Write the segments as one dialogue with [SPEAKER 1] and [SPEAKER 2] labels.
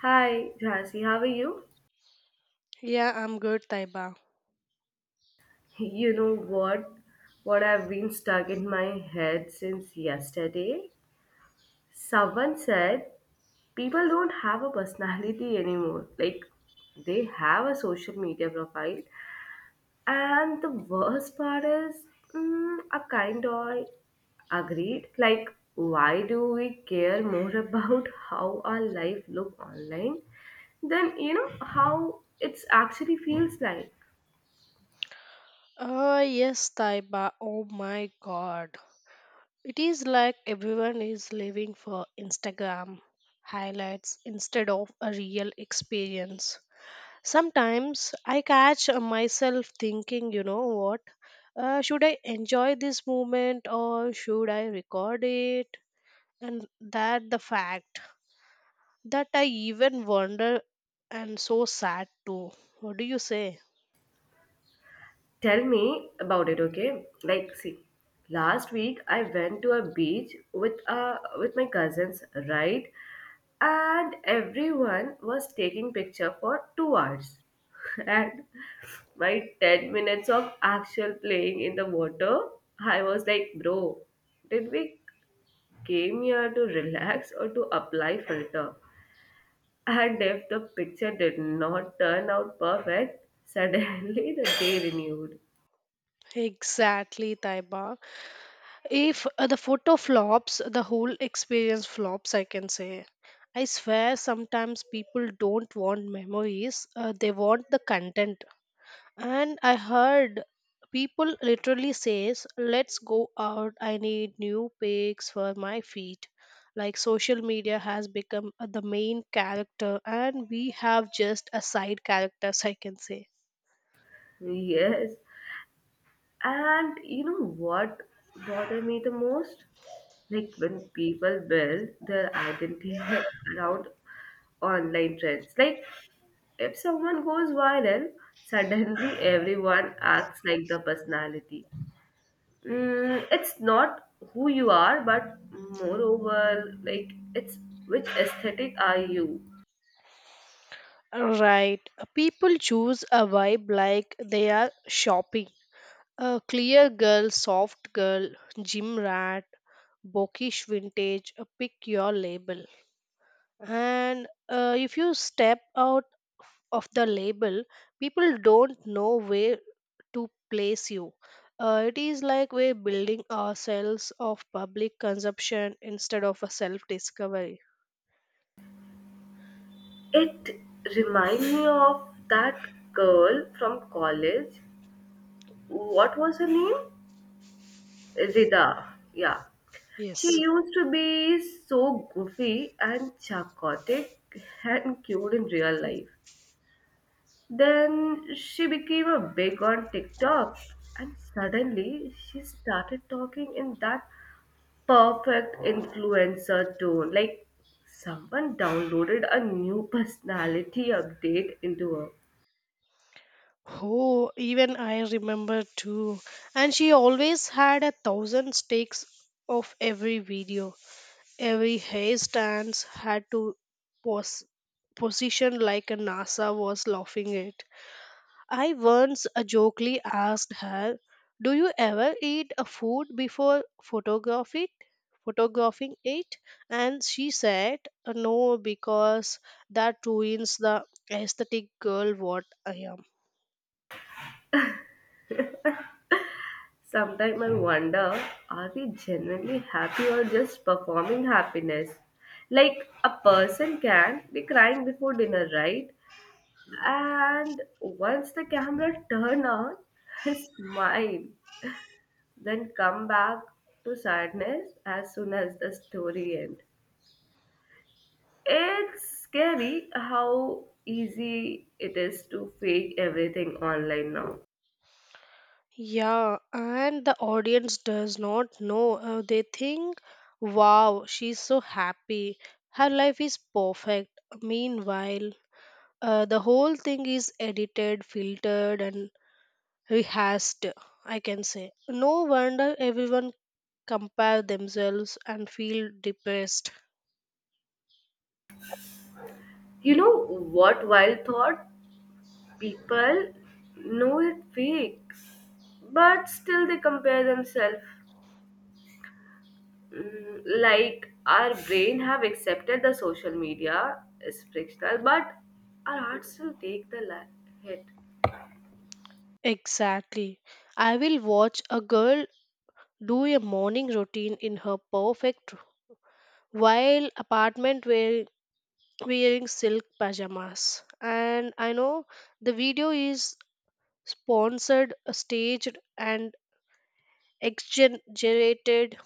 [SPEAKER 1] Hi, Jhansi, how are you?
[SPEAKER 2] Yeah, I'm good, Taiba.
[SPEAKER 1] You know what? What I've been stuck in my head since yesterday? Someone said people don't have a personality anymore. Like, they have a social media profile. And the worst part is, I kind of agreed. Like, why do we care more about how our life look online, than how it's actually feels like?
[SPEAKER 2] Oh, yes, Taiba. Oh my god. It is like everyone is living for Instagram highlights instead of a real experience. Sometimes I catch myself thinking, you know what? Should I enjoy this moment or should I record it? And that the fact that I even wonder and so sad too. What do you say?
[SPEAKER 1] Tell me about it, okay? Like, see, last week I went to a beach with my cousins, right? And everyone was taking picture for 2 hours. And my 10 minutes of actual playing in the water, I was like, bro, did we came here to relax or to apply filter? And if the picture did not turn out perfect, suddenly the day renewed.
[SPEAKER 2] Exactly, Taiba. If the photo flops, the whole experience flops, I can say. I swear sometimes people don't want memories, they want the content. And I heard people literally says, "Let's go out. I need new pics for my feed." Like social media has become the main character and we have just a side characters, I can say.
[SPEAKER 1] Yes, and you know what bothers me the most? Like, when people build their identity around online trends. Like, if someone goes viral, suddenly everyone acts like the personality. It's not who you are, but moreover, like, it's which aesthetic are you?
[SPEAKER 2] Right. People choose a vibe like they are shopping. A clear girl, soft girl, gym rat, bokish vintage, pick your label. And if you step out of the label, people don't know where to place you. It is like we're building ourselves of public consumption instead of a self discovery.
[SPEAKER 1] It reminds me of that girl from college. What was her name? Rida, yeah. She
[SPEAKER 2] Yes.
[SPEAKER 1] used to be so goofy and chaotic and cute in real life. Then she became a big on TikTok and suddenly she started talking in that perfect influencer tone like someone downloaded a new personality update into her.
[SPEAKER 2] Oh, even I remember too. And she always had a thousand takes of every video. Every handstands had to pos- position like a NASA was laughing it. I once jokingly asked her, "Do you ever eat a food before photograph it, photographing it?" And she said, "No, because that ruins the aesthetic girl what I am."
[SPEAKER 1] Sometimes I wonder, are we genuinely happy or just performing happiness? Like, a person can be crying before dinner, right? And once the camera turn on, smile, then come back to sadness as soon as the story end. It's scary how easy it is to fake everything online now.
[SPEAKER 2] Yeah, and the audience does not know. They think, wow, she's so happy. Her life is perfect. Meanwhile, the whole thing is edited, filtered, and rehearsed, I can say. No wonder everyone compare themselves and feel depressed.
[SPEAKER 1] You know what wild thought? People know it fake but still they compare themselves. Like, our brain have accepted the social media is frictional but our hearts still take the hit.
[SPEAKER 2] Exactly. I will watch a girl do a morning routine in her perfect while apartment where wearing silk pajamas. And I know the video is sponsored, staged, and exaggerated,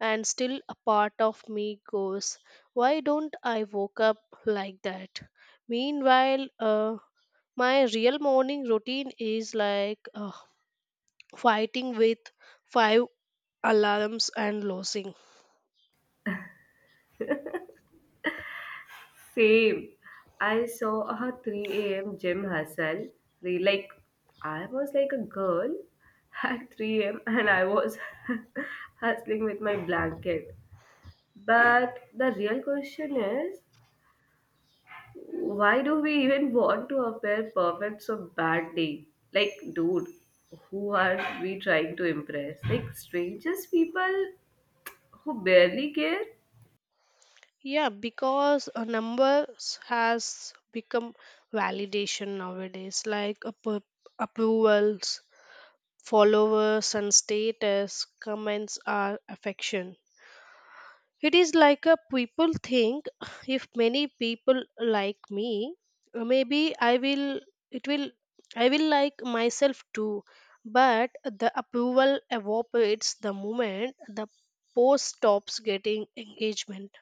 [SPEAKER 2] and still a part of me goes, why don't I woke up like that? Meanwhile, my real morning routine is like fighting with five alarms and losing.
[SPEAKER 1] Same, I saw a 3 a.m gym hustle, like, I was like a girl at 3 a.m and I was hustling with my blanket. But the real question is, why do we even want to appear perfect so badly? Like, dude, who are we trying to impress? Like, strangers, people who barely care?
[SPEAKER 2] Yeah, because numbers has become validation nowadays, like approvals, followers, and status. Comments are affection. It is like a people think if many people like me, maybe I will. It will. I will like myself too. But the approval evaporates the moment the post stops getting engagement.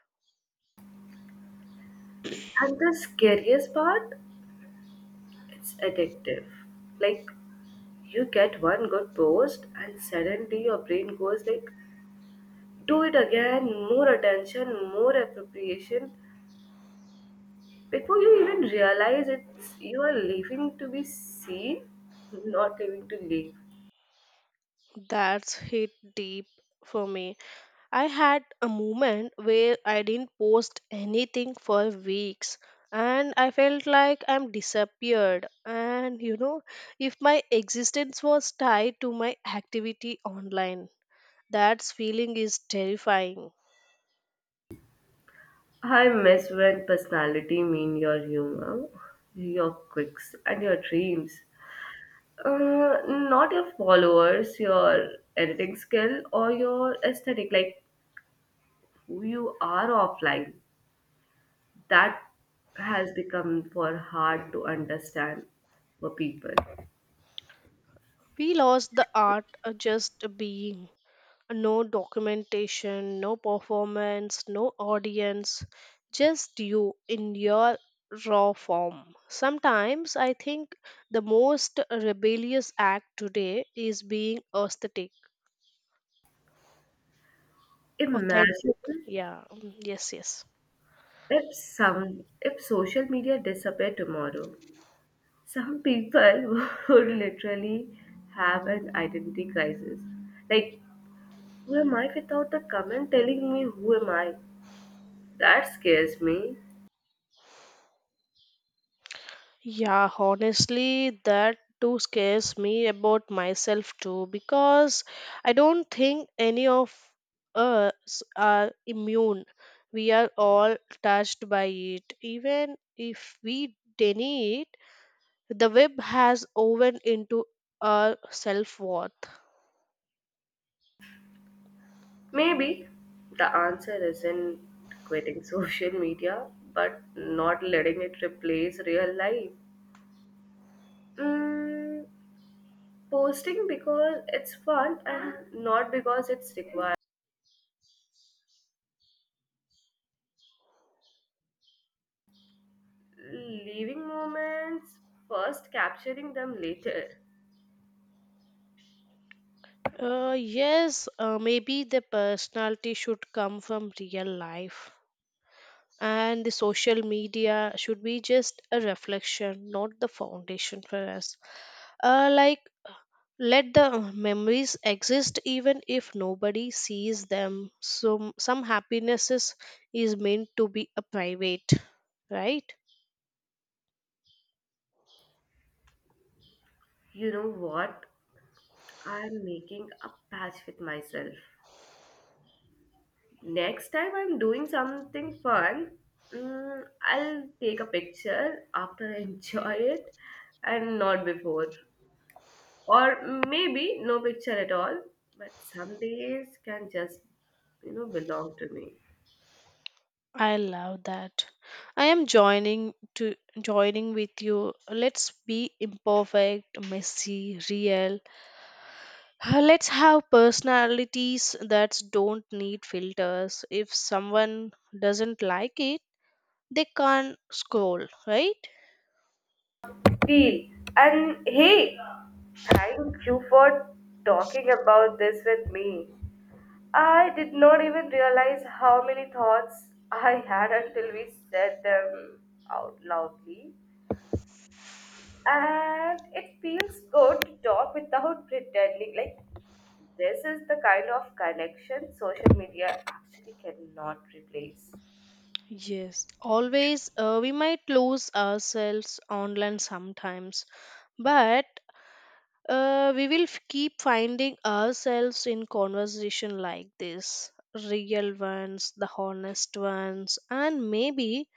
[SPEAKER 1] And the scariest part, it's addictive. Like, you get one good post, and suddenly your brain goes like, do it again, more attention, more appropriation. Before you even realize it's you are living to be seen, not living to live.
[SPEAKER 2] That's hit deep for me. I had a moment where I didn't post anything for weeks and I felt like I'm disappeared. And you know, if my existence was tied to my activity online, that feeling is terrifying.
[SPEAKER 1] I miss when personality mean your humor, your quirks, and your dreams. Not your followers, your editing skill, or your aesthetic, like, who you are offline. That has become for hard to understand for people.
[SPEAKER 2] We lost the art of just being. No documentation, no performance, no audience, just you in your raw form. Sometimes I think the most rebellious act today is being aesthetic, authentic.
[SPEAKER 1] Imagine
[SPEAKER 2] Yeah, mm, yes, yes.
[SPEAKER 1] if some if social media disappeared tomorrow. Some people would literally have an identity crisis. Like, who am I without a comment telling me who am I? That scares me.
[SPEAKER 2] Yeah, honestly, that too scares me about myself too because I don't think any of us are immune. We are all touched by it. Even if we deny it, the web has woven into our self worth.
[SPEAKER 1] Maybe the answer isn't quitting social media, but not letting it replace real life. Mm, Posting because it's fun and not because it's required. Leaving moments, first capturing them later.
[SPEAKER 2] Yes, maybe the personality should come from real life. And the social media should be just a reflection, not the foundation for us, like let the memories exist even if nobody sees them. So some happiness is meant to be a private, right?
[SPEAKER 1] You know what? I'm making a patch with myself. Next time I'm doing something fun, I'll take a picture after I enjoy it and not before. Or maybe no picture at all, but some days can just belong to me.
[SPEAKER 2] I love that. I am joining with you. Let's be imperfect, messy, real. Let's have personalities that don't need filters. If someone doesn't like it, they can't scroll, right?
[SPEAKER 1] See, and hey, thank you for talking about this with me. I did not even realize how many thoughts I had until we said them out loudly. And it feels good to talk without pretending. Like, this is the kind of connection social media actually cannot replace.
[SPEAKER 2] Yes, always, we might lose ourselves online sometimes, but keep finding ourselves in conversation like this, real ones, the honest ones, and maybe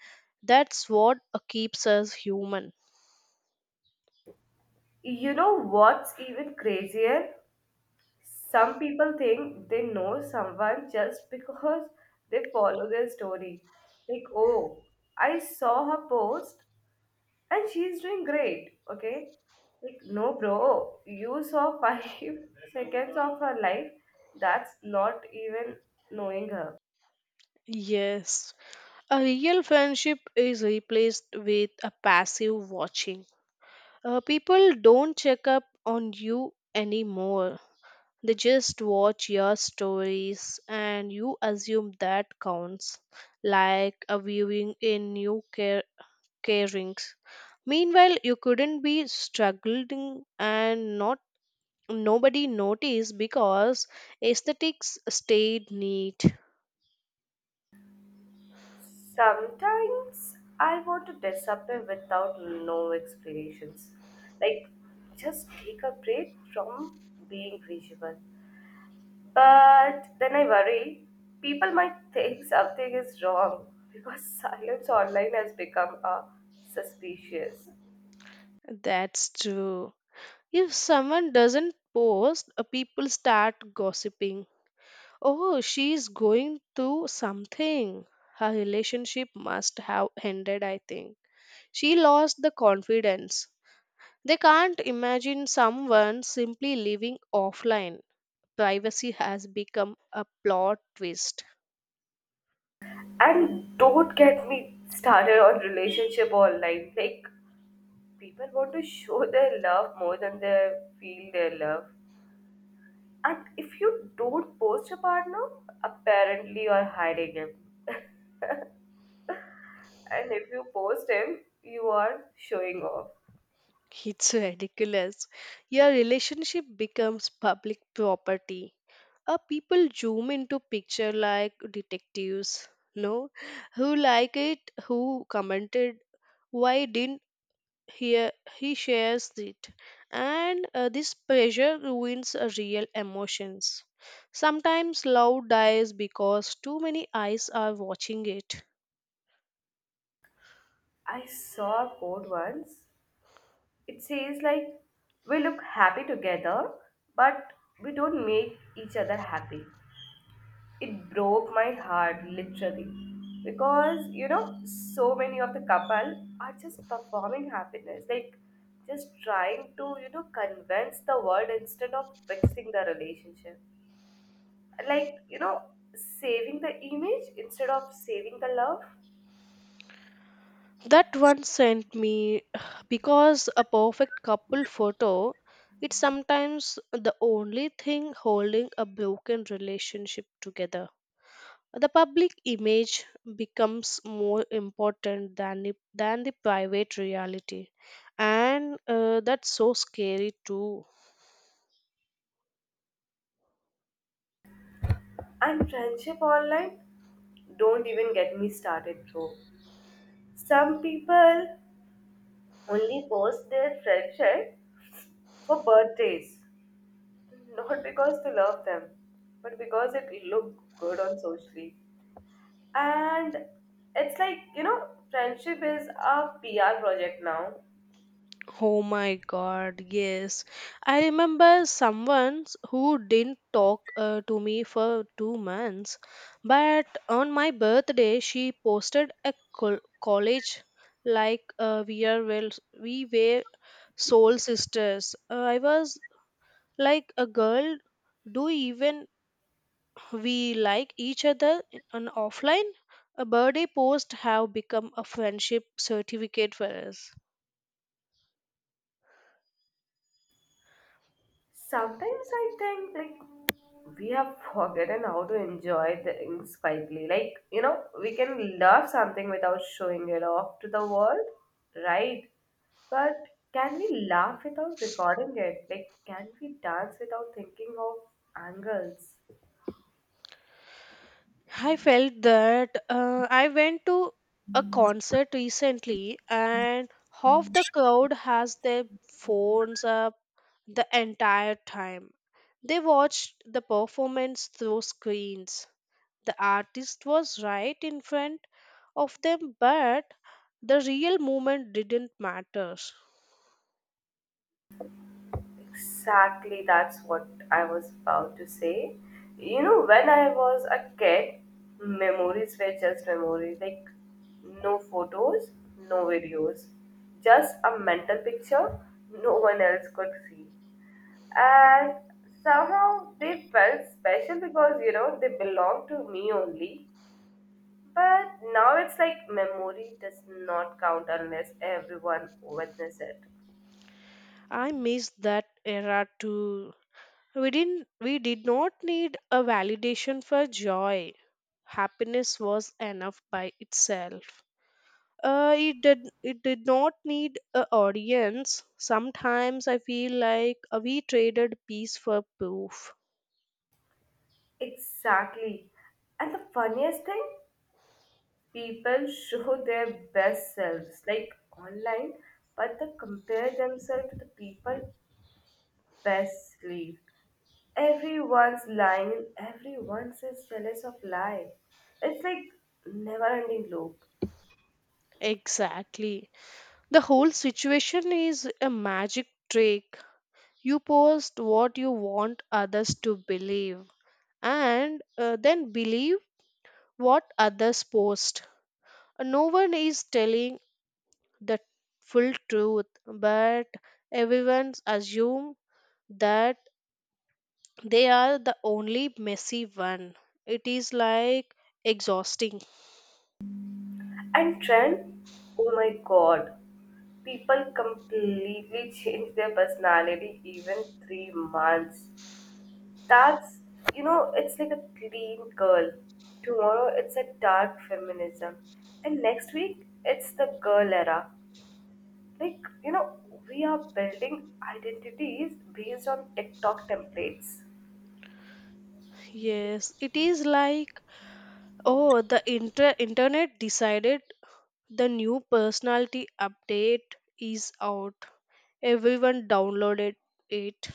[SPEAKER 2] that's what keeps us human.
[SPEAKER 1] You know what's even crazier? Some people think they know someone just because they follow their story. Like, oh, I saw her post and she's doing great, okay? Like, no, bro, you saw five seconds of her life. That's not even knowing her.
[SPEAKER 2] Yes, a real friendship is replaced with a passive watching. People don't check up on you anymore. They just watch your stories and you assume that counts, like a viewing in new carings. Meanwhile, you couldn't be struggling and not nobody noticed because aesthetics stayed neat.
[SPEAKER 1] Sometimes I want to disappear without no explanations. Like, just take a break from being visual. But then I worry people might think something is wrong because silence online has become suspicious.
[SPEAKER 2] That's true. If someone doesn't post, people start gossiping. Oh, she's going through something. Her relationship must have ended, I think. She lost the confidence. They can't imagine someone simply living offline. Privacy has become a plot twist.
[SPEAKER 1] And don't get me started on relationship online. Like, people want to show their love more than they feel their love. And if you don't post your partner, apparently you're hiding him. And if you post him, you are showing off.
[SPEAKER 2] It's ridiculous. Your relationship becomes public property. People zoom into picture like detectives. No, who like it, who commented, why didn't he he shares it? And this pressure ruins real emotions. Sometimes love dies because too many eyes are watching it.
[SPEAKER 1] I saw a quote once. It says, like, we look happy together, but we don't make each other happy. It broke my heart literally because so many of the couple are just performing happiness. Like, just trying to convince the world instead of fixing the relationship. Like, saving the image instead of saving the love.
[SPEAKER 2] That one sent me because a perfect couple photo, it's sometimes the only thing holding a broken relationship together. The public image becomes more important than than the private reality. And that's so scary too.
[SPEAKER 1] And friendship online, don't even get me started, bro. Some people only post their friendship for birthdays, not because to love them, but because it looked good on socially. And it's like friendship is a PR project now.
[SPEAKER 2] Oh my god, yes. I remember someone who didn't talk to me for 2 months, but on my birthday she posted a college, like, we are, well, we were soul sisters. I was like, a girl, do you even, we like each other on offline? A birthday post have become a friendship certificate for us.
[SPEAKER 1] Sometimes I think like we have forgotten how to enjoy things quietly. Like we can love something without showing it off to the world, right? But can we laugh without recording it? Like, can we dance without thinking of angles?
[SPEAKER 2] I felt that. I went to a concert recently and half the crowd has their phones up the entire time. They watched the performance through screens. The artist was right in front of them, but the real moment didn't matter.
[SPEAKER 1] Exactly, that's what I was about to say. When I was a kid, memories were just memories, like no photos, no videos, just a mental picture no one else could see. And somehow they felt special because they belong to me only. But now it's like memory does not count unless everyone witnesses it.
[SPEAKER 2] I miss that era too. We did not need a validation for joy. Happiness was enough by itself. It did not need a audience. Sometimes I feel like we traded peace for proof.
[SPEAKER 1] Exactly. And the funniest thing? People show their best selves like online but they compare themselves to the people best live. Everyone's lying and everyone's is jealous of lie. It's like never ending loop.
[SPEAKER 2] Exactly. The whole situation is a magic trick. You post what you want others to believe and then believe what others post. No one is telling the full truth, but everyone assume that they are the only messy one. It is like exhausting.
[SPEAKER 1] And trend, oh my god, people completely change their personality even 3 months. That's it's like a clean girl. Tomorrow it's a dark feminism. And next week it's the girl era. Like we are building identities based on TikTok templates.
[SPEAKER 2] Yes, it is like, oh, the internet decided the new personality update is out. Everyone downloaded it.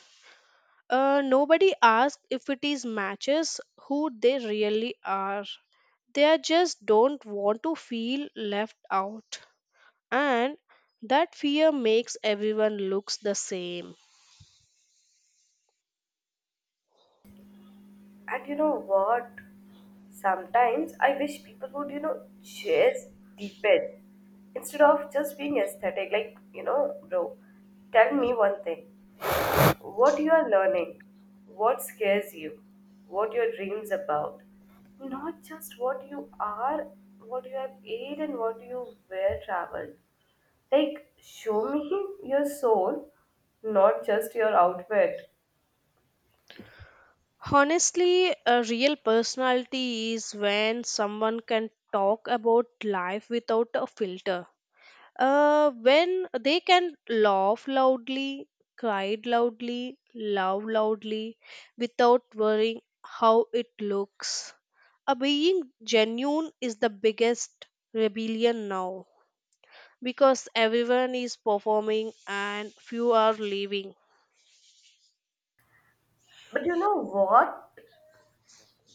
[SPEAKER 2] Nobody asks if it is matches who they really are. They just don't want to feel left out. And that fear makes everyone looks the same.
[SPEAKER 1] And you know what? Sometimes I wish people would just deepen instead of just being aesthetic. Like bro, tell me one thing. What you are learning, what scares you, what your dreams about, not just what you are, what you have ate, and what you were traveled. Like, show me your soul, not just your outfit.
[SPEAKER 2] Honestly, a real personality is when someone can talk about life without a filter. When they can laugh loudly, cried loudly, love loudly, without worrying how it looks. A being genuine is the biggest rebellion now because everyone is performing and few are leaving.
[SPEAKER 1] But you know what?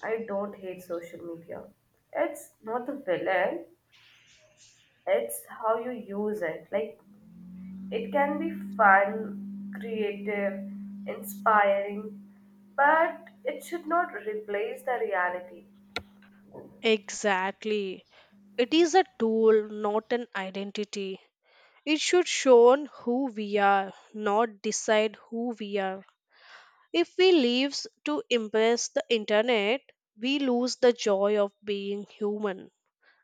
[SPEAKER 1] I don't hate social media. It's not the villain, it's how you use it. Like, it can be fun, creative, inspiring, but it should not replace the reality.
[SPEAKER 2] Exactly. It is a tool, not an identity. It should show on who we are, not decide who we are. If we live to impress the internet, we lose the joy of being human.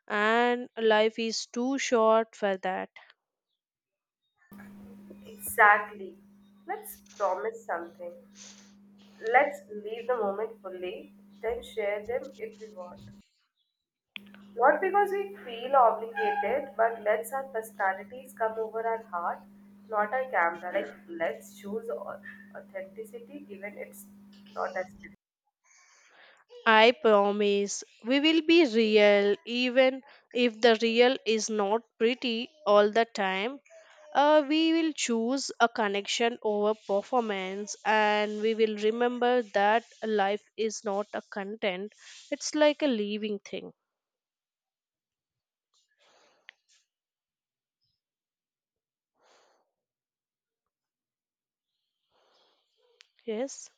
[SPEAKER 2] And life is too short for that.
[SPEAKER 1] Exactly. Let's promise something. Let's leave the moment fully, then share them if we want. Not because we feel obligated, but let's our personalities come over our heart, not our camera. Like, let's choose authenticity, even it's not as
[SPEAKER 2] I promise we will be real, even if the real is not pretty all the time. We will choose a connection over performance, and we will remember that life is not a content, it's like a living thing. Yes,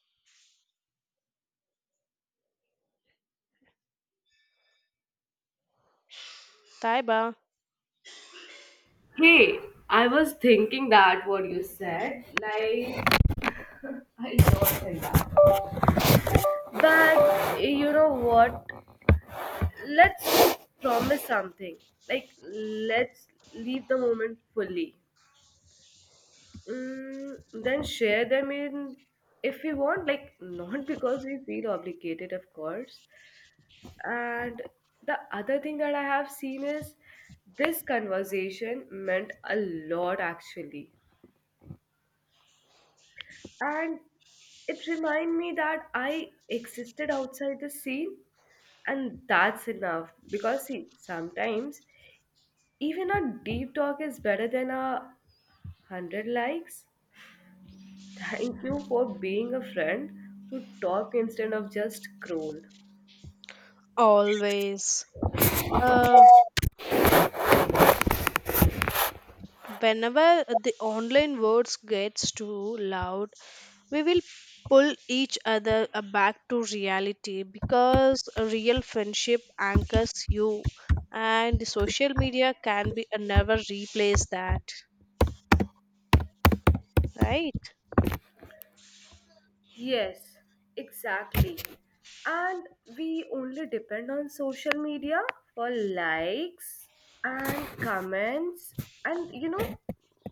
[SPEAKER 2] Taiba,
[SPEAKER 1] Hey, I was thinking that what you said, like, I don't think that. But you know what? Let's promise something. Like, let's leave the moment fully. Then share them in if we want, like, not because we feel obligated, of course. And the other thing that I have seen is this conversation meant a lot actually. And it reminded me that I existed outside the scene, and that's enough. Because see, sometimes even a deep talk is better than a hundred likes. Thank you for being a friend who talk instead of just scroll.
[SPEAKER 2] always. Uh, Whenever the online words gets too loud, we will pull each other back to reality because a real friendship anchors you and the social media can be never replace that, right?
[SPEAKER 1] Yes, exactly. And we only depend on social media for likes and comments. And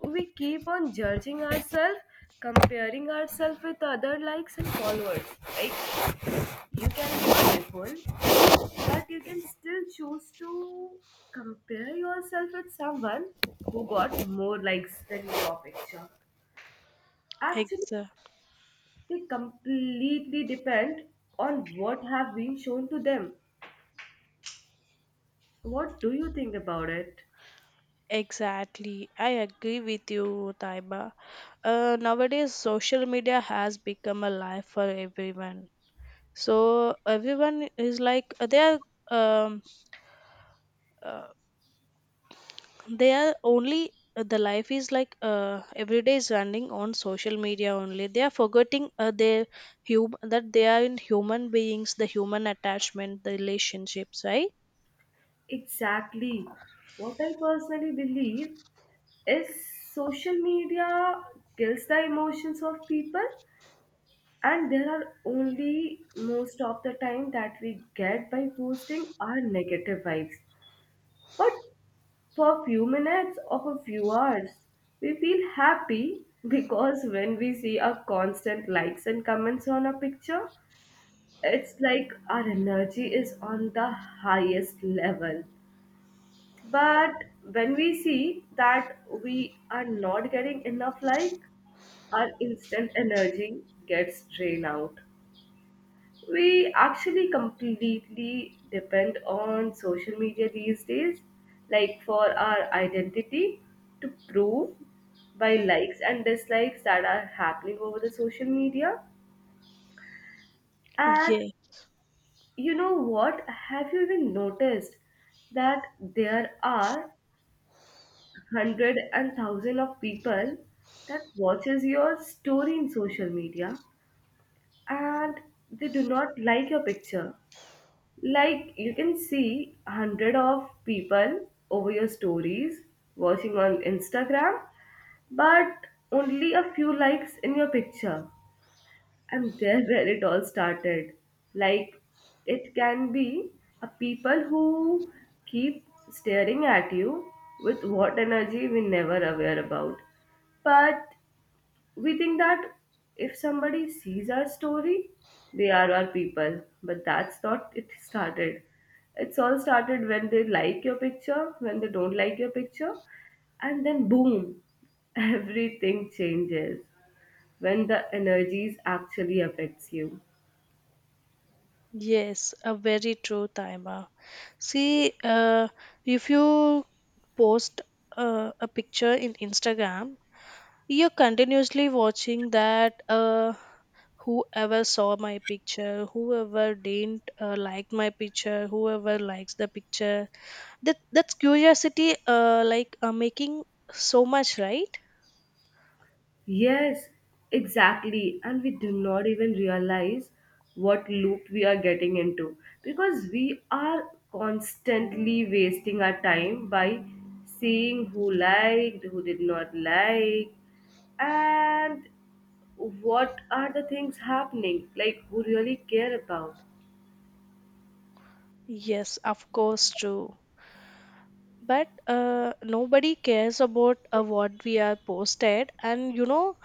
[SPEAKER 1] we keep on judging ourselves, comparing ourselves with other likes and followers. Like, you can be beautiful, but you can still choose to compare yourself with someone who got more likes than your picture. Actually,
[SPEAKER 2] Exa-
[SPEAKER 1] they completely depend on what have been shown to them. What do you think about it?
[SPEAKER 2] Exactly. I agree with you, Taiba. Nowadays, social media has become a life for everyone. So everyone is like are um, uh, they are only, the life is like, every day is running on social media only. They are forgetting their that they are in human beings, the human attachment, the relationships, right?
[SPEAKER 1] Exactly. What I personally believe is social media kills the emotions of people, and there are only most of the time that we get by posting our negative vibes. But for a few minutes or a few hours, we feel happy because when we see our constant likes and comments on a picture, it's like our energy is on the highest level. But when we see that we are not getting enough like, our instant energy gets drained out. We actually completely depend on social media these days, like, for our identity, to prove by likes and dislikes that are happening over the social media. And
[SPEAKER 2] Yeah,
[SPEAKER 1] you know what, have you even noticed that there are hundred and thousand of people that watches your story in social media and they do not like your picture? Like, you can see hundred of people over your stories watching on Instagram, but only a few likes in your picture. And there's where it all started. Like, it can be a people who keep staring at you with what energy we never aware about, but we think that if somebody sees our story, they are our people. But that's not it started. It's all started when they like your picture, when they don't like your picture, and then boom, everything changes when the energies actually affects you.
[SPEAKER 2] yes, a very true timer. See, if you post a picture in Instagram, you're continuously watching that, whoever saw my picture, whoever didn't like my picture, whoever likes the picture. That's curiosity, like making so much, right?
[SPEAKER 1] Yes, exactly. And we do not even realize what loop we are getting into because we are constantly wasting our time by seeing who liked, who did not like, and what are the things happening, like, who really care about.
[SPEAKER 2] Yes, of course, true. But nobody cares about what we are posted, and you know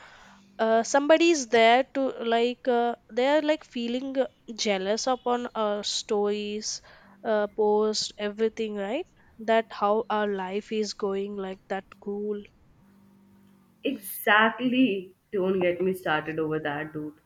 [SPEAKER 2] somebody's there to like, they are like feeling jealous upon our stories, post everything, right? That how our life is going, like, that cool.
[SPEAKER 1] Exactly. Don't get me started over that, dude.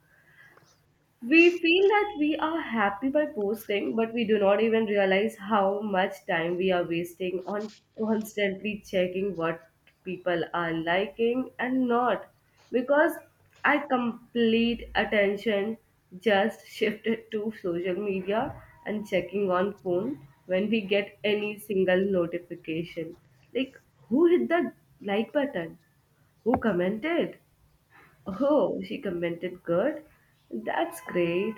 [SPEAKER 1] We feel that we are happy by posting, but we do not even realize how much time we are wasting on constantly checking what people are liking and not. Because I complete attention just shifted to social media and checking on phone when we get any single notification. Like, who hit the like button? Who commented? Oh, she commented good. That's great.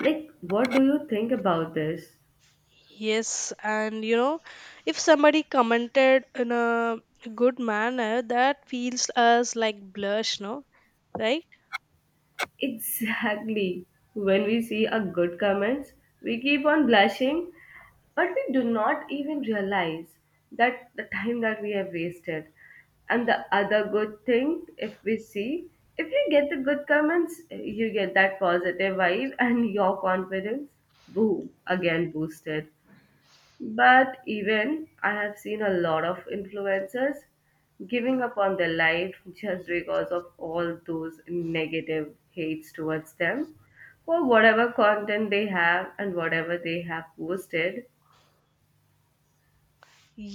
[SPEAKER 1] Like, what do you think about this?
[SPEAKER 2] Yes, and you know, if somebody commented in a good manner, that feels us like blush, no, right?
[SPEAKER 1] Exactly. When we see a good comments, we keep on blushing, but we do not even realize that the time that we have wasted. And the other good thing, if we see, if you get the good comments, you get that positive vibe and your confidence, boom, again boosted. But even I have seen a lot of influencers giving up on their life just because of all those negative hates towards them for whatever content they have and whatever they have posted.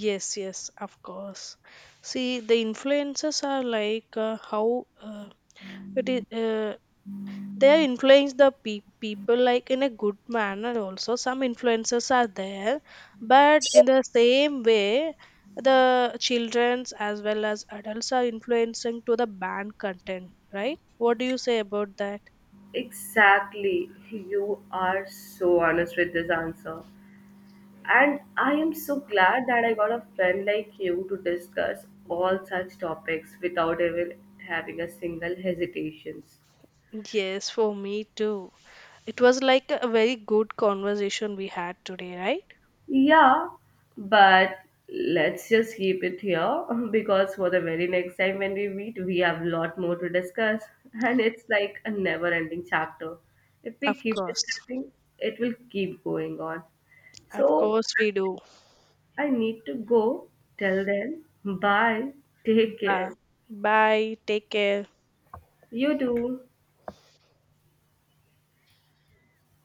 [SPEAKER 2] Yes, yes, of course. See, the influences are like, how it is. They influence the people like in a good manner, also some influences are there, but in the same way, the childrens as well as adults are influencing to the banned content, right? What do you say about that?
[SPEAKER 1] Exactly, you are so honest with this answer. And I am so glad that I got a friend like you to discuss all such topics without even having a single hesitations.
[SPEAKER 2] Yes, for me too. It was like a very good conversation we had today, right?
[SPEAKER 1] Yeah, but let's just keep it here because for the very next time when we meet, we have a lot more to discuss, and it's like a never ending chapter. If we
[SPEAKER 2] Of
[SPEAKER 1] keep
[SPEAKER 2] course.
[SPEAKER 1] discussing, it will keep going on.
[SPEAKER 2] Of
[SPEAKER 1] So
[SPEAKER 2] course we do.
[SPEAKER 1] I need to go. Till then, bye. Take
[SPEAKER 2] Bye.
[SPEAKER 1] care.
[SPEAKER 2] Bye, take care.
[SPEAKER 1] You too.